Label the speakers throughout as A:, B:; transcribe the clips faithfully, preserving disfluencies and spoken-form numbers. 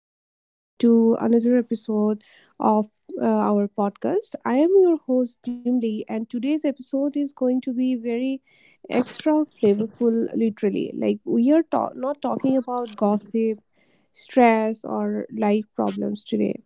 A: Welcome back to another episode of uh, our podcast. I am your host, Jimli, and today's episode is going to be very extra flavorful, literally. Like, we are ta- not talking about gossip, stress, or life problems today.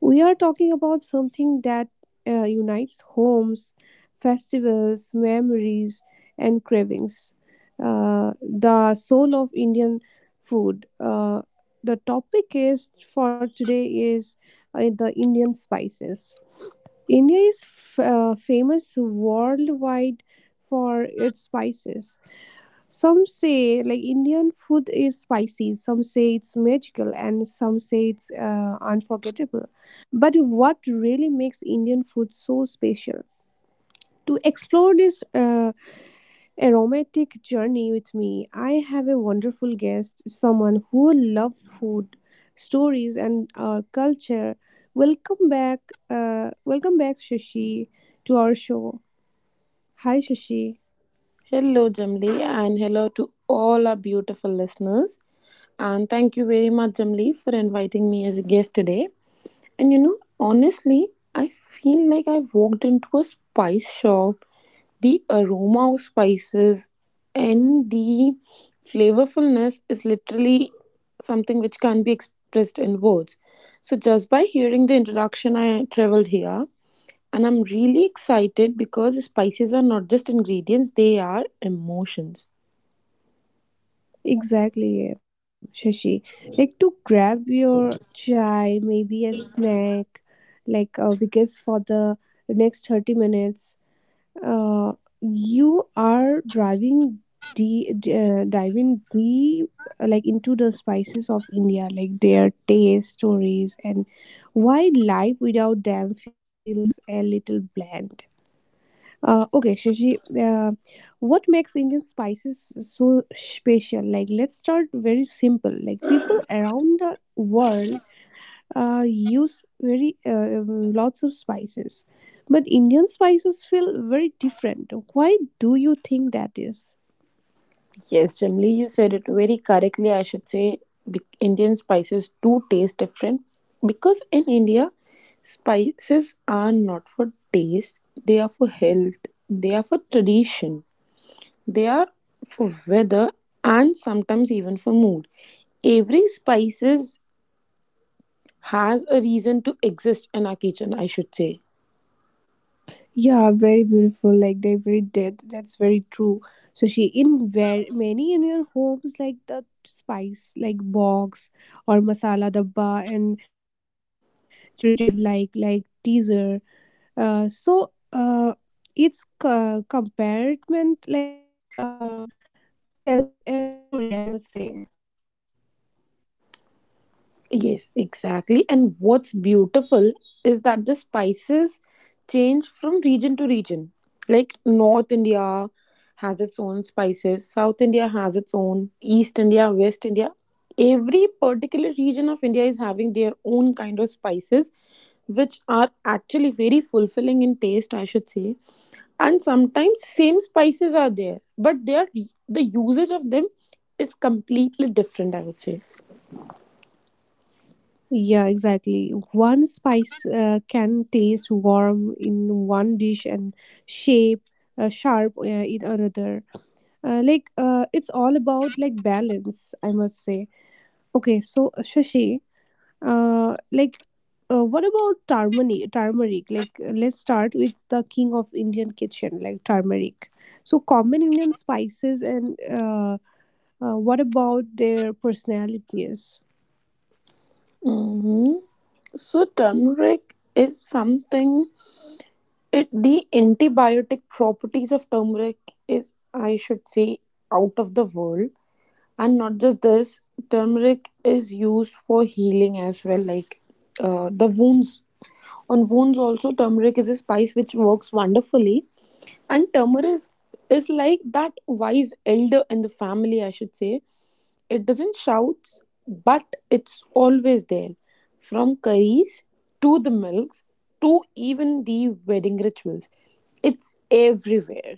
A: We are talking about something that uh, unites homes, festivals, memories, and cravings. Uh, the soul of Indian food. Uh, the topic is for today is uh, the Indian spices. India is f- uh, famous worldwide for its spices. Some say like Indian food is spicy, some say it's magical, and some say it's uh, unforgettable. But what really makes Indian food so special? To explore this uh, aromatic journey with me, I have a wonderful guest, someone who loves food, stories, and our culture. Welcome back, uh, welcome back, Shashi, to our show. Hi, Shashi.
B: Hello, Jamli, and hello to all our beautiful listeners. And thank you very much, Jamli, for inviting me as a guest today. And you know, honestly, I feel like I walked into a spice shop. The aroma of spices and the flavorfulness is literally something which can't be expressed in words. So, just by hearing the introduction, I traveled here. And I'm really excited because spices are not just ingredients, they are emotions.
A: Exactly, Shashi. Like to grab your chai, maybe a snack, like uh, because for the next thirty minutes, uh, you are driving de- d- uh, diving deep uh, like into the spices of India, like their taste, stories, and why life without them feels a little bland. Uh, okay, Shashi, uh, what makes Indian spices so special? Like, let's start very simple. Like, people around the world uh, use very uh, um, lots of spices, but Indian spices feel very different. Why do you think that is?
B: Yes, Jamli, you said it very correctly. I should say be- Indian spices do taste different because in India, spices are not for taste, they are for health, they are for tradition, they are for weather, and sometimes even for mood. Every spices has a reason to exist in our kitchen, I should say.
A: Yeah, very beautiful. Like they very did. That's very true. So she in very many in your homes like the spice like box or masala dabba and treated like like teaser. Uh, so uh, its uh, compartment like uh tells a story. I must say.
B: Yes, exactly. And what's beautiful is that the spices change from region to region. Like North India has its own spices, South India has its own, East India, West India. Every particular region of India is having their own kind of spices, which are actually very fulfilling in taste, I should say. And sometimes same spices are there, but they are the usage of them is completely different, I would say.
A: Yeah, exactly. One spice uh, can taste warm in one dish and shape uh, sharp uh, in another. Uh, like uh, it's all about like balance, I must say. Okay, so, uh, Shashi, uh, like uh, what about turmeric turmeric like, uh, let's start with the king of Indian kitchen, like turmeric, so common Indian spices, and uh, uh, what about their personalities?
B: hmm So turmeric is something. It the antibiotic properties of turmeric is, I should say, out of the world, and not just this. Turmeric is used for healing as well, like uh, the wounds. On wounds also, turmeric is a spice which works wonderfully, and turmeric is, is like that wise elder in the family, I should say. It doesn't shout, but it's always there. From curries to the milks to even the wedding rituals. It's everywhere.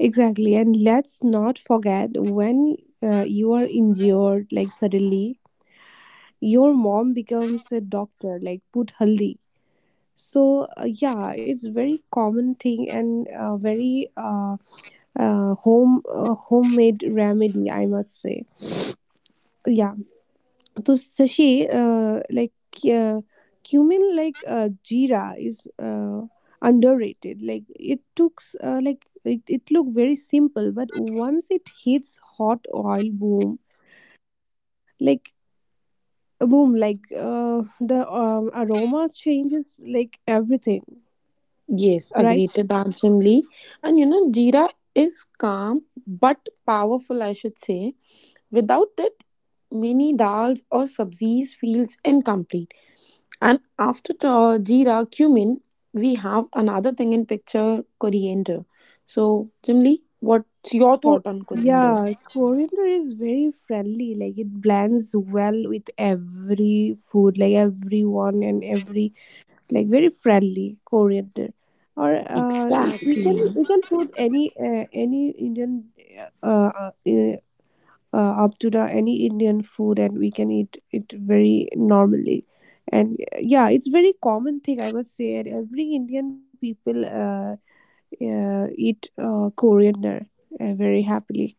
A: Exactly, and let's not forget when uh, you are injured, like suddenly your mom becomes a doctor, like put haldi. So uh, yeah, it's very common thing, and uh, very uh, uh, home uh, homemade remedy, I must say. Yeah. So, Sashi, uh, like uh, cumin, like uh, jeera is uh, underrated. Like it looks uh, like it, it look very simple, but once it hits hot oil, boom. Like boom like uh, the um, aroma changes like everything.
B: Yes,
A: Right.
B: agreed to that, Jim Lee. And you know, jeera is calm but powerful, I should say. Without it, many dals or sabzis feels incomplete. And after uh, jeera, cumin, we have another thing in picture: coriander. So, Jimli, what's your
A: Co-
B: thought on coriander?
A: yeah, coriander is very friendly. Like it blends well with every food, like everyone and every, like very friendly coriander. Or uh, we, we can
B: Exactly.
A: we can put any uh, any Indian uh, uh, uh, up to the any Indian food, and we can eat it very normally. And uh, yeah, it's very common thing, I would say. And every Indian people uh, uh, eat uh, coriander uh, very happily.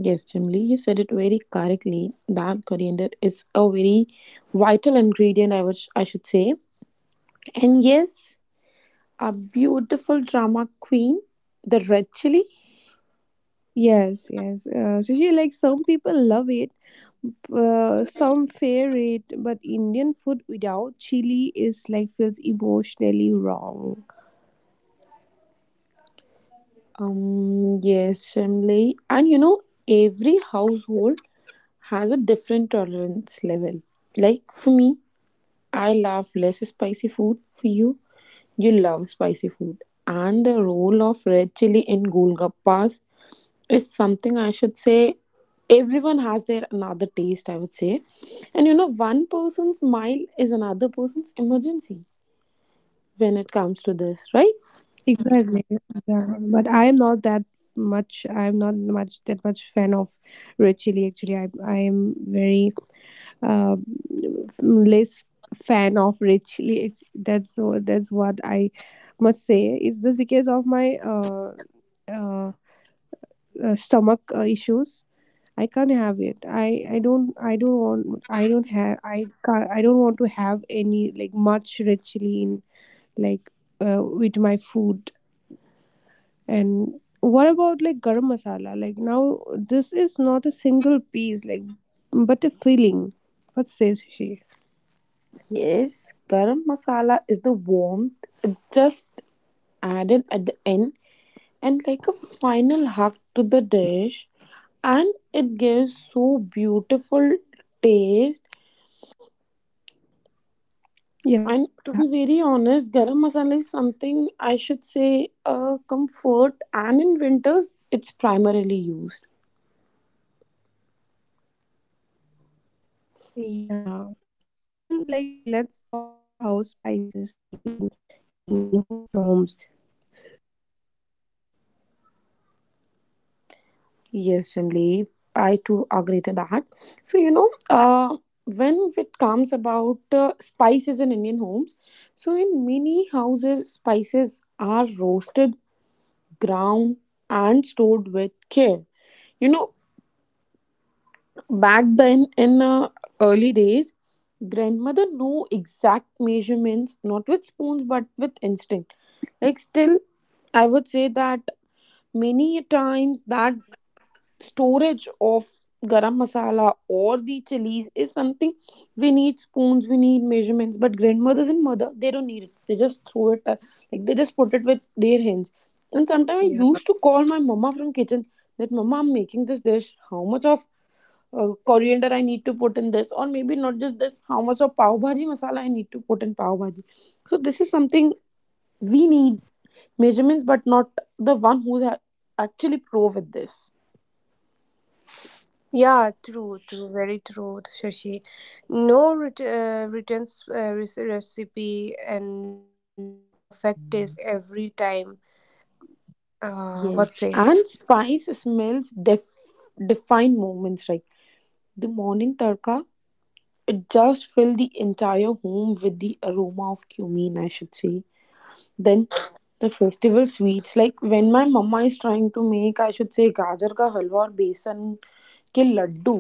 B: Yes, Jimli, you said it very correctly that coriander is a very vital ingredient, I, would, I should say. And yes, a beautiful drama queen, the red chili.
A: Yes, yes. Uh, Sushi, like some people love it, uh, some fear it, but Indian food without chili is like feels emotionally wrong.
B: Um, yes, Jimli. And you know, every household has a different tolerance level. Like for me, I love less spicy food. For you, you love spicy food. And the role of red chili in Golgappas is something, I should say, everyone has their another taste, I would say. And you know, one person's smile is another person's emergency when it comes to this, right?
A: Exactly. Yeah. But I am not that much. I am not much that much fan of red chili. Actually, I I am very uh, less fan of red chili. It's- That's what that's what I must say. It's just because of my uh, uh uh, stomach uh, issues. I can't have it. I I don't I don't want I don't have I can't I don't want to have any like much richly in, like, uh, with my food. And what about like garam masala, like, now this is not a single piece, like, but a filling. What says she?
B: Yes, garam masala is the warmth just added at the end, and like a final hug to the dish, and it gives so beautiful taste.
A: Yeah.
B: And to be very honest, garam masala is something, I should say, a comfort, and in winters it's primarily used.
A: Yeah. Indian, like, let's talk about how spices live in Indian homes homes
B: Yes, Shimli, I too agree to that. So you know, uh, when it comes about uh, spices in Indian homes, so in many houses spices are roasted, ground, and stored with care. You know, back then, in uh, early days, grandmother knew exact measurements, not with spoons but with instinct. Like, still, I would say that many times that storage of garam masala or the chilies is something we need spoons, we need measurements, but grandmothers and mother, they don't need it. They just throw it uh, like they just put it with their hands. And sometimes I used to
C: Yeah,
B: call my mama from kitchen that, mama, I'm making this dish, how much of uh, coriander I need to put in this, or maybe not just this, how much of pav bhaji masala I need to put in pav bhaji. So this is something we need measurements, but not the one who's ha- actually pro with this.
C: yeah, true, true, very true, Shashi. No ret- uh, written s- uh, rec- Recipe and yet perfect taste every time. Uh, what say?
B: Yes, and spice smells def- define moments, like the morning tarka. It just filled the entire home with the aroma of cumin, I should say. Then the festival sweets, like when my mama is trying to make, I should say, gajar ka halwa or besan ke laddu.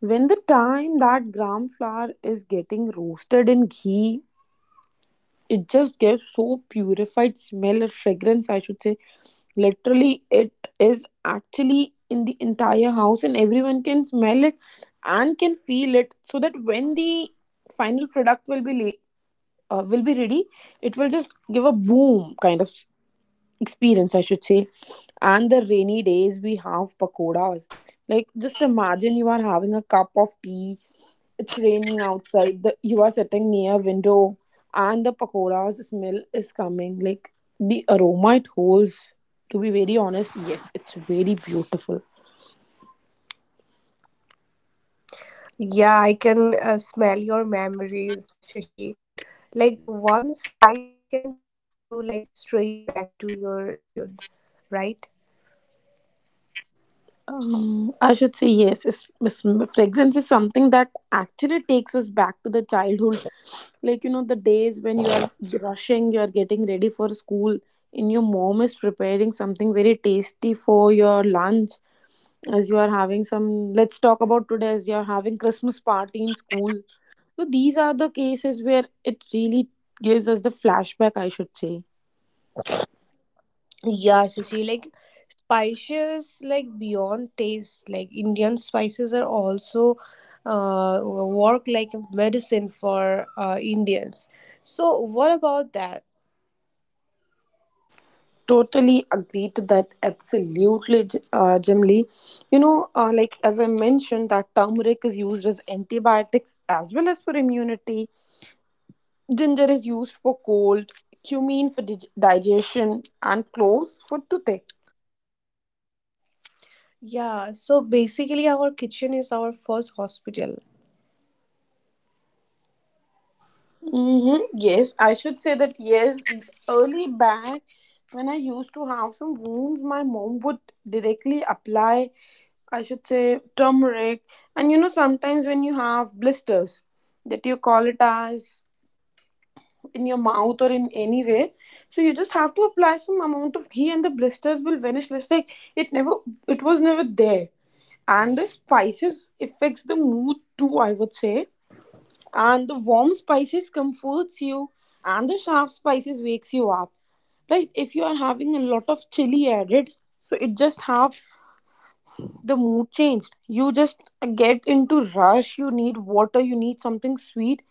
B: When the time that gram flour is getting roasted in ghee, it just gave so purified smell or fragrance, I should say. Literally, it is actually in the entire house, and everyone can smell it and can feel it. So that when the final product will be la- uh, will be ready, it will just give a boom kind of experience, I should say. And the rainy days we have pakodas. Like, just imagine you are having a cup of tea, it's raining outside, the, you are sitting near a window, and the pakodas smell is coming. Like the aroma it holds, to be very honest, yes, it's very beautiful.
C: Yeah, I can uh, smell your memories, Shashi. Like one spice can take you like straight back to your childhood, right?
B: Um, I should say yes. It's, it's, fragrance is something that actually takes us back to the childhood. Like, you know, the days when you are rushing, you are getting ready for school, and your mom is preparing something very tasty for your lunch. As you are having some, let's talk about today, as you are having Christmas party in school. So, these are the cases where it really gives us the flashback, I should say.
C: Yeah, Sushi, like spices, like beyond taste, like Indian spices are also uh, work like a medicine for uh, Indians. So, what about that?
B: Totally agree to that. Absolutely, J- uh, Jim Lee. You know, uh, like as I mentioned, that turmeric is used as antibiotics as well as for immunity. Ginger is used for cold, cumin for dig- digestion, and cloves for toothache.
C: Yeah, so basically, our kitchen is our first hospital.
B: Mm-hmm. Yes, I should say that yes, early back when I used to have some wounds, my mom would directly apply, I should say, turmeric. And you know, sometimes when you have blisters that you call it as in your mouth or in any way, so you just have to apply some amount of ghee and the blisters will vanish. Let's say it never, it was never there. And the spices affects the mood too, I would say, and the warm spices comforts you and the sharp spices wakes you up. Right, if you are having a lot of chili added, so it just have the mood changed, you just get into rush, you need water, you need something sweet,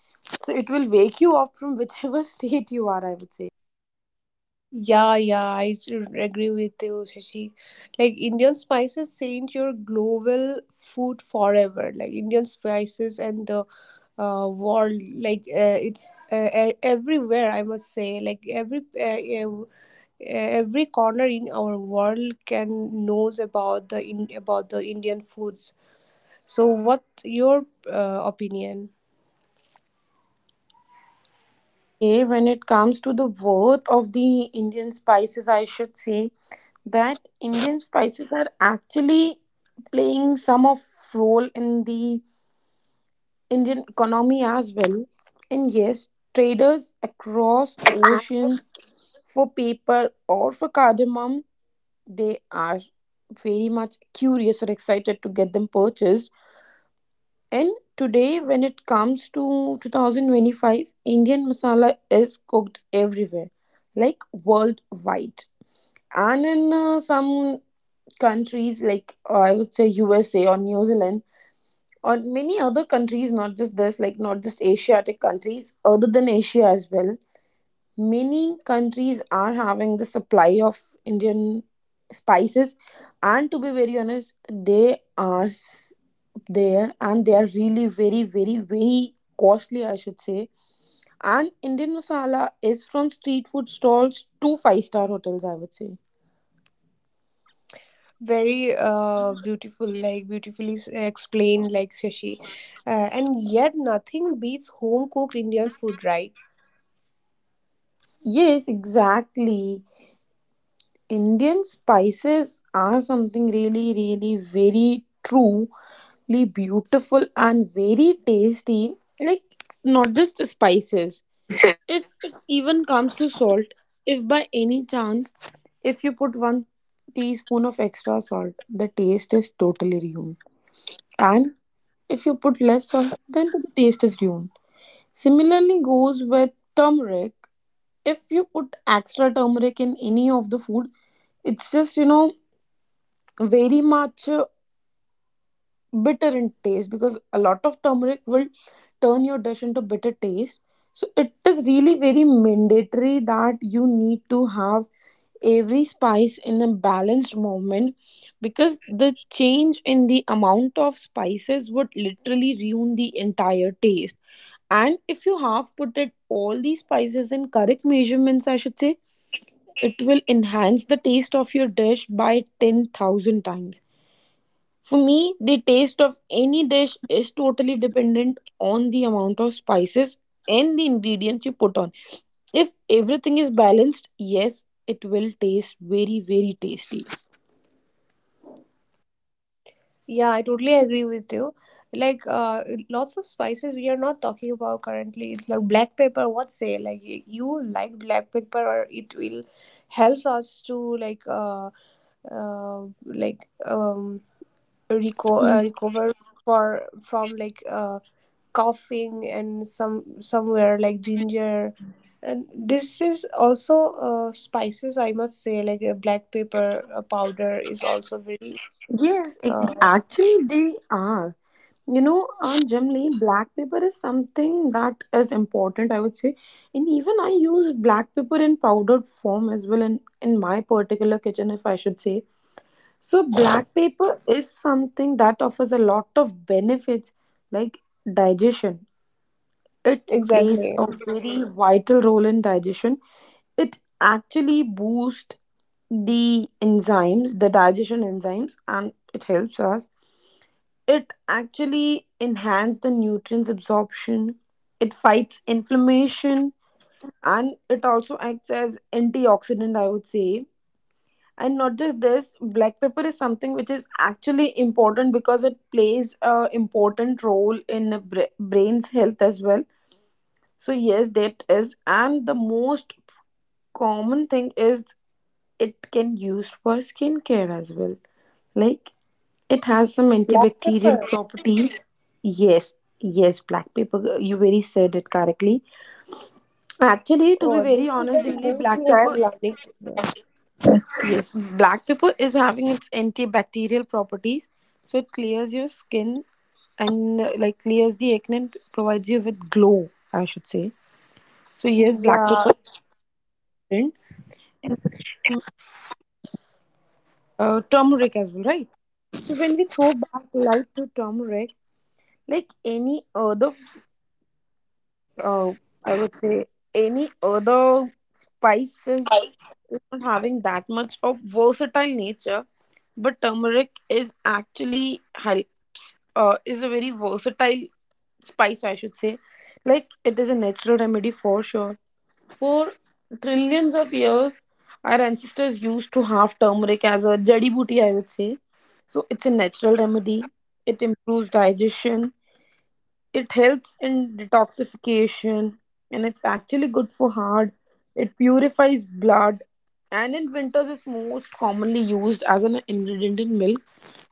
B: so it will wake you up from whichever state you are, I would say.
C: Yeah, yeah, I s- agree with you, Shashi. Like Indian spices change your global food forever. Like Indian spices and the uh, world, like uh, it's uh, e- everywhere. I must say, like every uh, ev- uh, every corner in our world can knows about the in about the Indian foods. So, what's your uh, opinion?
B: Okay, when it comes to the worth of the Indian spices, I should say that Indian spices are actually playing some of role in the Indian economy as well. And yes, traders across oceans for paper or for cardamom, they are very much curious or excited to get them purchased. And today, when it comes to twenty twenty-five, Indian masala is cooked everywhere, like worldwide. And in uh, some countries, like uh, I would say U S A or New Zealand, on many other countries not just this, like not just asiatic countries, other than Asia as well, many countries are having the supply of Indian spices. And to be very honest, they are s- there, and they are really very, very very costly, I should say. And Indian masala is from street food stalls to five star hotels, I would say.
C: Very uh, beautiful, like beautifully s- explained, like Shashi. Uh, and yet nothing beats home cooked Indian food, right?
B: Yes, exactly. Indian spices are something really, really very truly beautiful and very tasty. Like, not just spices. If it even comes to salt, if by any chance, if you put one teaspoon of extra salt, the taste is totally ruined. And if you put less salt, then the taste is ruined. Similarly, goes with turmeric. If you put extra turmeric in any of the food, it's just, you know, very much uh, bitter in taste, because a lot of turmeric will turn your dish into bitter taste. So it is really very mandatory that you need to have every spice in a balanced moment, because the change in the amount of spices would literally ruin the entire taste. And if you have put it all these spices in correct measurements, I should say, it will enhance the taste of your dish by ten thousand times. For me, the taste of any dish is totally dependent on the amount of spices and the ingredients you put on. If everything is balanced, yes, it will taste very, very tasty.
C: Yeah, I totally agree with you. like uh lots of spices we are not talking about currently. It's like black pepper, what say? Like y- you like black pepper, or it will helps us to like uh, uh like um reco- uh,
B: Mm.
C: recover for from like uh coughing and some somewhere, like ginger. And this is also uh, spices, I must say. Like a black pepper uh, powder is also very
B: Yes, it,
C: uh,
B: actually, they are. You know, on generally, black pepper is something that is important, I would say. And even I use black pepper in powdered form as well in, in my particular kitchen, if I should say. So black pepper is something that offers a lot of benefits, like digestion. It plays a
C: exactly
B: very vital role in digestion. It actually boosts the enzymes, the digestion enzymes, and it helps us. It actually enhances the nutrients absorption. It fights inflammation, and it also acts as antioxidant, I would say. And not just this, black pepper is something which is actually important because it plays a important role in a bra- brain's health as well. So yes, that is, and the most common thing is it can used for skincare as well. Like, it has some
C: black.
B: antibacterial properties. Yes, yes, black pepper. You very said it correctly. Actually, to be
C: Oh,
B: very
C: this is
B: honest,
C: very new
B: Imli, black
C: thing I am
B: pepper.
C: learning today.
B: Yes, black pepper is having its antibacterial properties, so it clears your skin and uh, like clears the acne and provides you with glow, I should say. So yes, black
C: yeah
B: pepper is important. and mm, uh, turmeric as well, right? So when we throw back light to turmeric, like any other, f- uh, I would say any other spices not having that much of versatile nature, but turmeric is actually helps uh, is a very versatile spice, I should say. Like it is a natural remedy for sure. For trillions of years, our ancestors used to have turmeric as a jadi booty, I would say. So it's a natural remedy. It improves digestion, it helps in detoxification, and it's actually good for heart. It purifies blood, and in winters is most commonly used as an ingredient in milk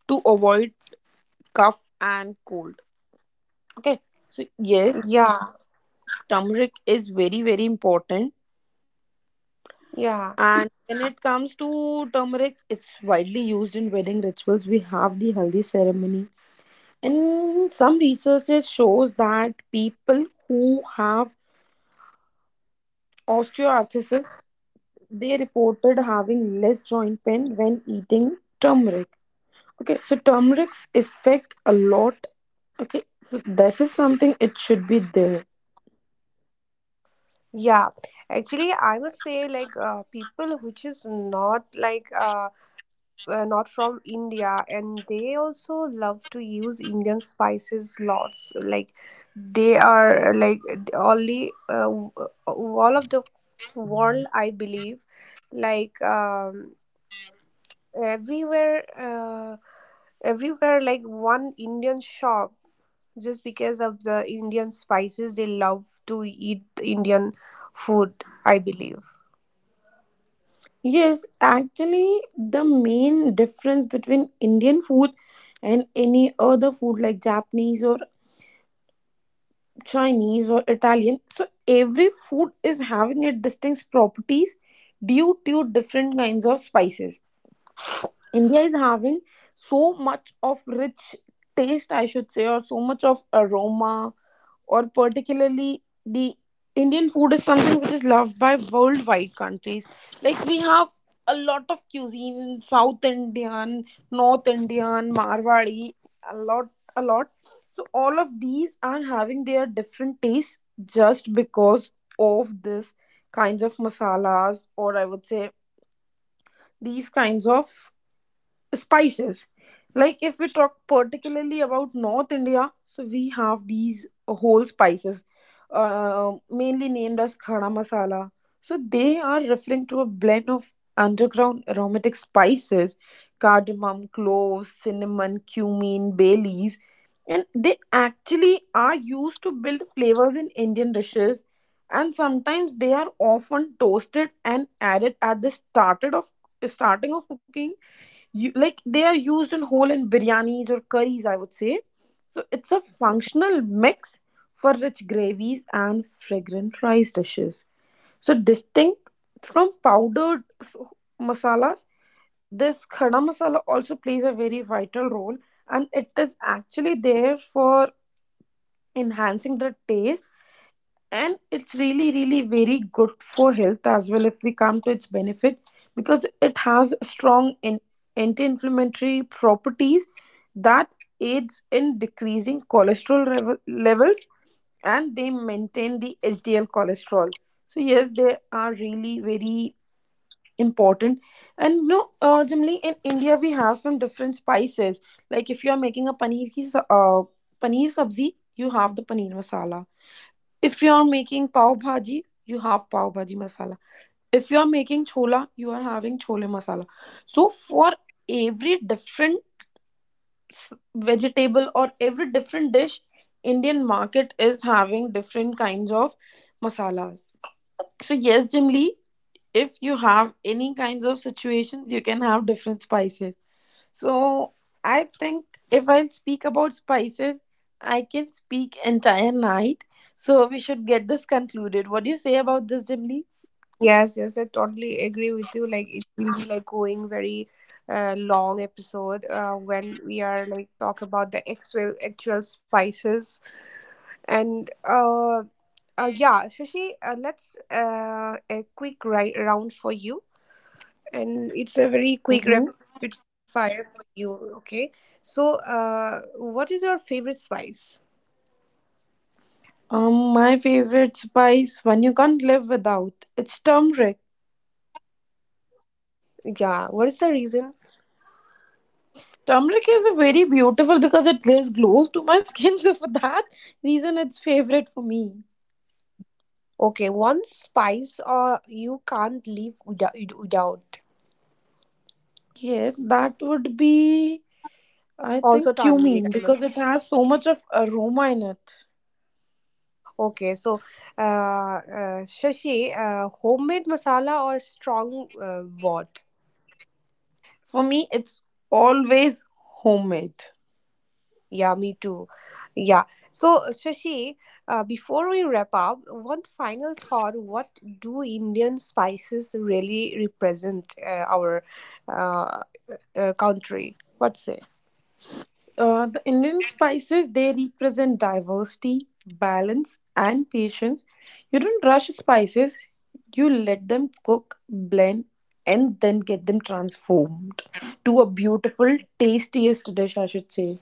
B: to avoid cough and cold. Okay, so yes,
C: yeah
B: turmeric is very very important.
C: yeah
B: And when it comes to turmeric, it's widely used in wedding rituals. We have the haldi ceremony, and some researches shows that people who have osteoarthritis, they reported having less joint pain when eating turmeric. Okay, so turmeric's effect a lot. Okay, so this is something it should be there.
C: yeah Actually, I must say, like uh, people which is not like uh, uh, not from India, and they also love to use Indian spices lots. Like they are like only uh, all of the world, I believe. Like um, Everywhere, uh, everywhere, like one Indian shop, just because of the Indian spices, they love to eat the Indian food, I believe.
B: Yes, actually, the main difference between Indian food and any other food like Japanese or Chinese or Italian, so every food is having its distinct properties due to different kinds of spices. India is having so much of rich taste, I should say, or so much of aroma, or particularly the Indian food is something which is loved by worldwide countries. Like we have a lot of cuisine, South Indian, North Indian, Marwari, a lot, a lot. So all of these are having their different tastes just because of this kinds of masalas, or I would say these kinds of spices. Like if we talk particularly about North India, so we have these whole spices, uh, mainly named as khada masala. So they are referring to a blend of underground aromatic spices: cardamom, cloves, cinnamon, cumin, bay leaves. And they actually are used to build flavors in Indian dishes, and sometimes they are often toasted and added at the started of starting of cooking. You like they are used in whole in biryanis or curries, I would say. So it's a functional mix for rich gravies and fragrant rice dishes, so distinct from powdered s- masalas. This khada masala also plays a very vital role, and it is actually there for enhancing the taste, and it's really really very good for health as well if we come to its benefit, because it has strong in- anti-inflammatory properties that aids in decreasing cholesterol revel- levels, and they maintain the H D L cholesterol. So yes, they are really very important. And no, uh, generally in India we have some different spices. Like if you are making a paneer ki sa- uh, paneer sabzi, you have the paneer masala. If you are making pav bhaji, you have pav bhaji masala. If you are making chola, you are having chole masala. So for every different s- vegetable or every different dish, Indian market is having different kinds of masalas. So yes, Jimli, if you have any kinds of situations, you can have different spices. So I think if I speak about spices, I can speak entire night. So we should get this concluded. What do you say about this, Jimly?
C: Yes, yes, I totally agree with you. Like it will be like going very uh, long episode uh, when we are like talk about the actual actual spices, and uh, uh yeah, Shashi, uh, let's uh, a quick ri- round for you, and it's a very quick
B: Mm-hmm.
C: rapid fire for you. Okay, so uh, what is your favorite spice?
B: Um, my favorite spice, one you can't live without, it's turmeric.
C: Yeah, what is the reason?
B: Turmeric is a very beautiful because it gives glow to my skin. So for that reason, it's favorite for me.
C: Okay, one spice or you can't live without without.
B: Yes, that would be, I
C: Also
B: think,
C: turmeric,
B: cumin
C: I
B: because
C: must.
B: it has so much of aroma in it.
C: Okay, so uh, uh, Shashi, uh, homemade masala or strong uh, what?
B: For me, it's always homemade.
C: Yeah, me too. Yeah. So Shashi, uh, before we wrap up, one final thought: what do Indian spices really represent, uh, our uh, uh, country? What say?
B: Uh, the Indian spices they represent diversity, balance, and patience. You don't rush spices; you let them cook, blend, and then get them transformed to a beautiful, tastiest dish, I should say.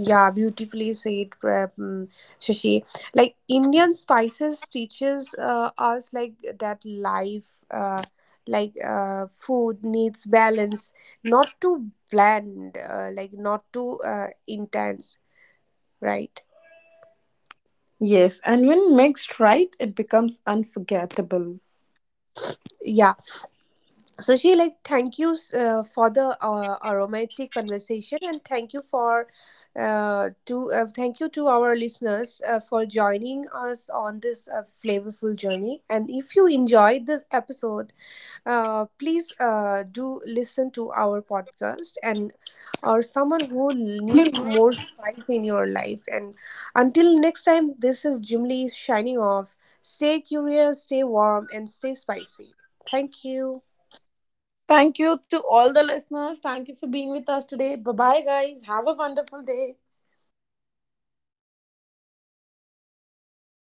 C: Yeah, beautifully said, uh, mm, Shashi. Like Indian spices teaches uh, us, like that life, uh, like uh, food needs balance, not too bland, uh, like not too uh, intense, right?
B: Yes. And when mixed right, it becomes unforgettable.
C: Yeah. So she, like thank you uh, for the uh, aromatic conversation, and thank you for uh, to uh, thank you to our listeners uh, for joining us on this uh, flavorful journey. And if you enjoyed this episode, uh, please uh, do listen to our podcast and or someone who need more spice in your life. And until next time, this is Jimly shining off. Stay curious, stay warm, and stay spicy. Thank you.
B: Thank you to all the listeners. Thank you for being with us today. Bye bye, guys. Have a wonderful day.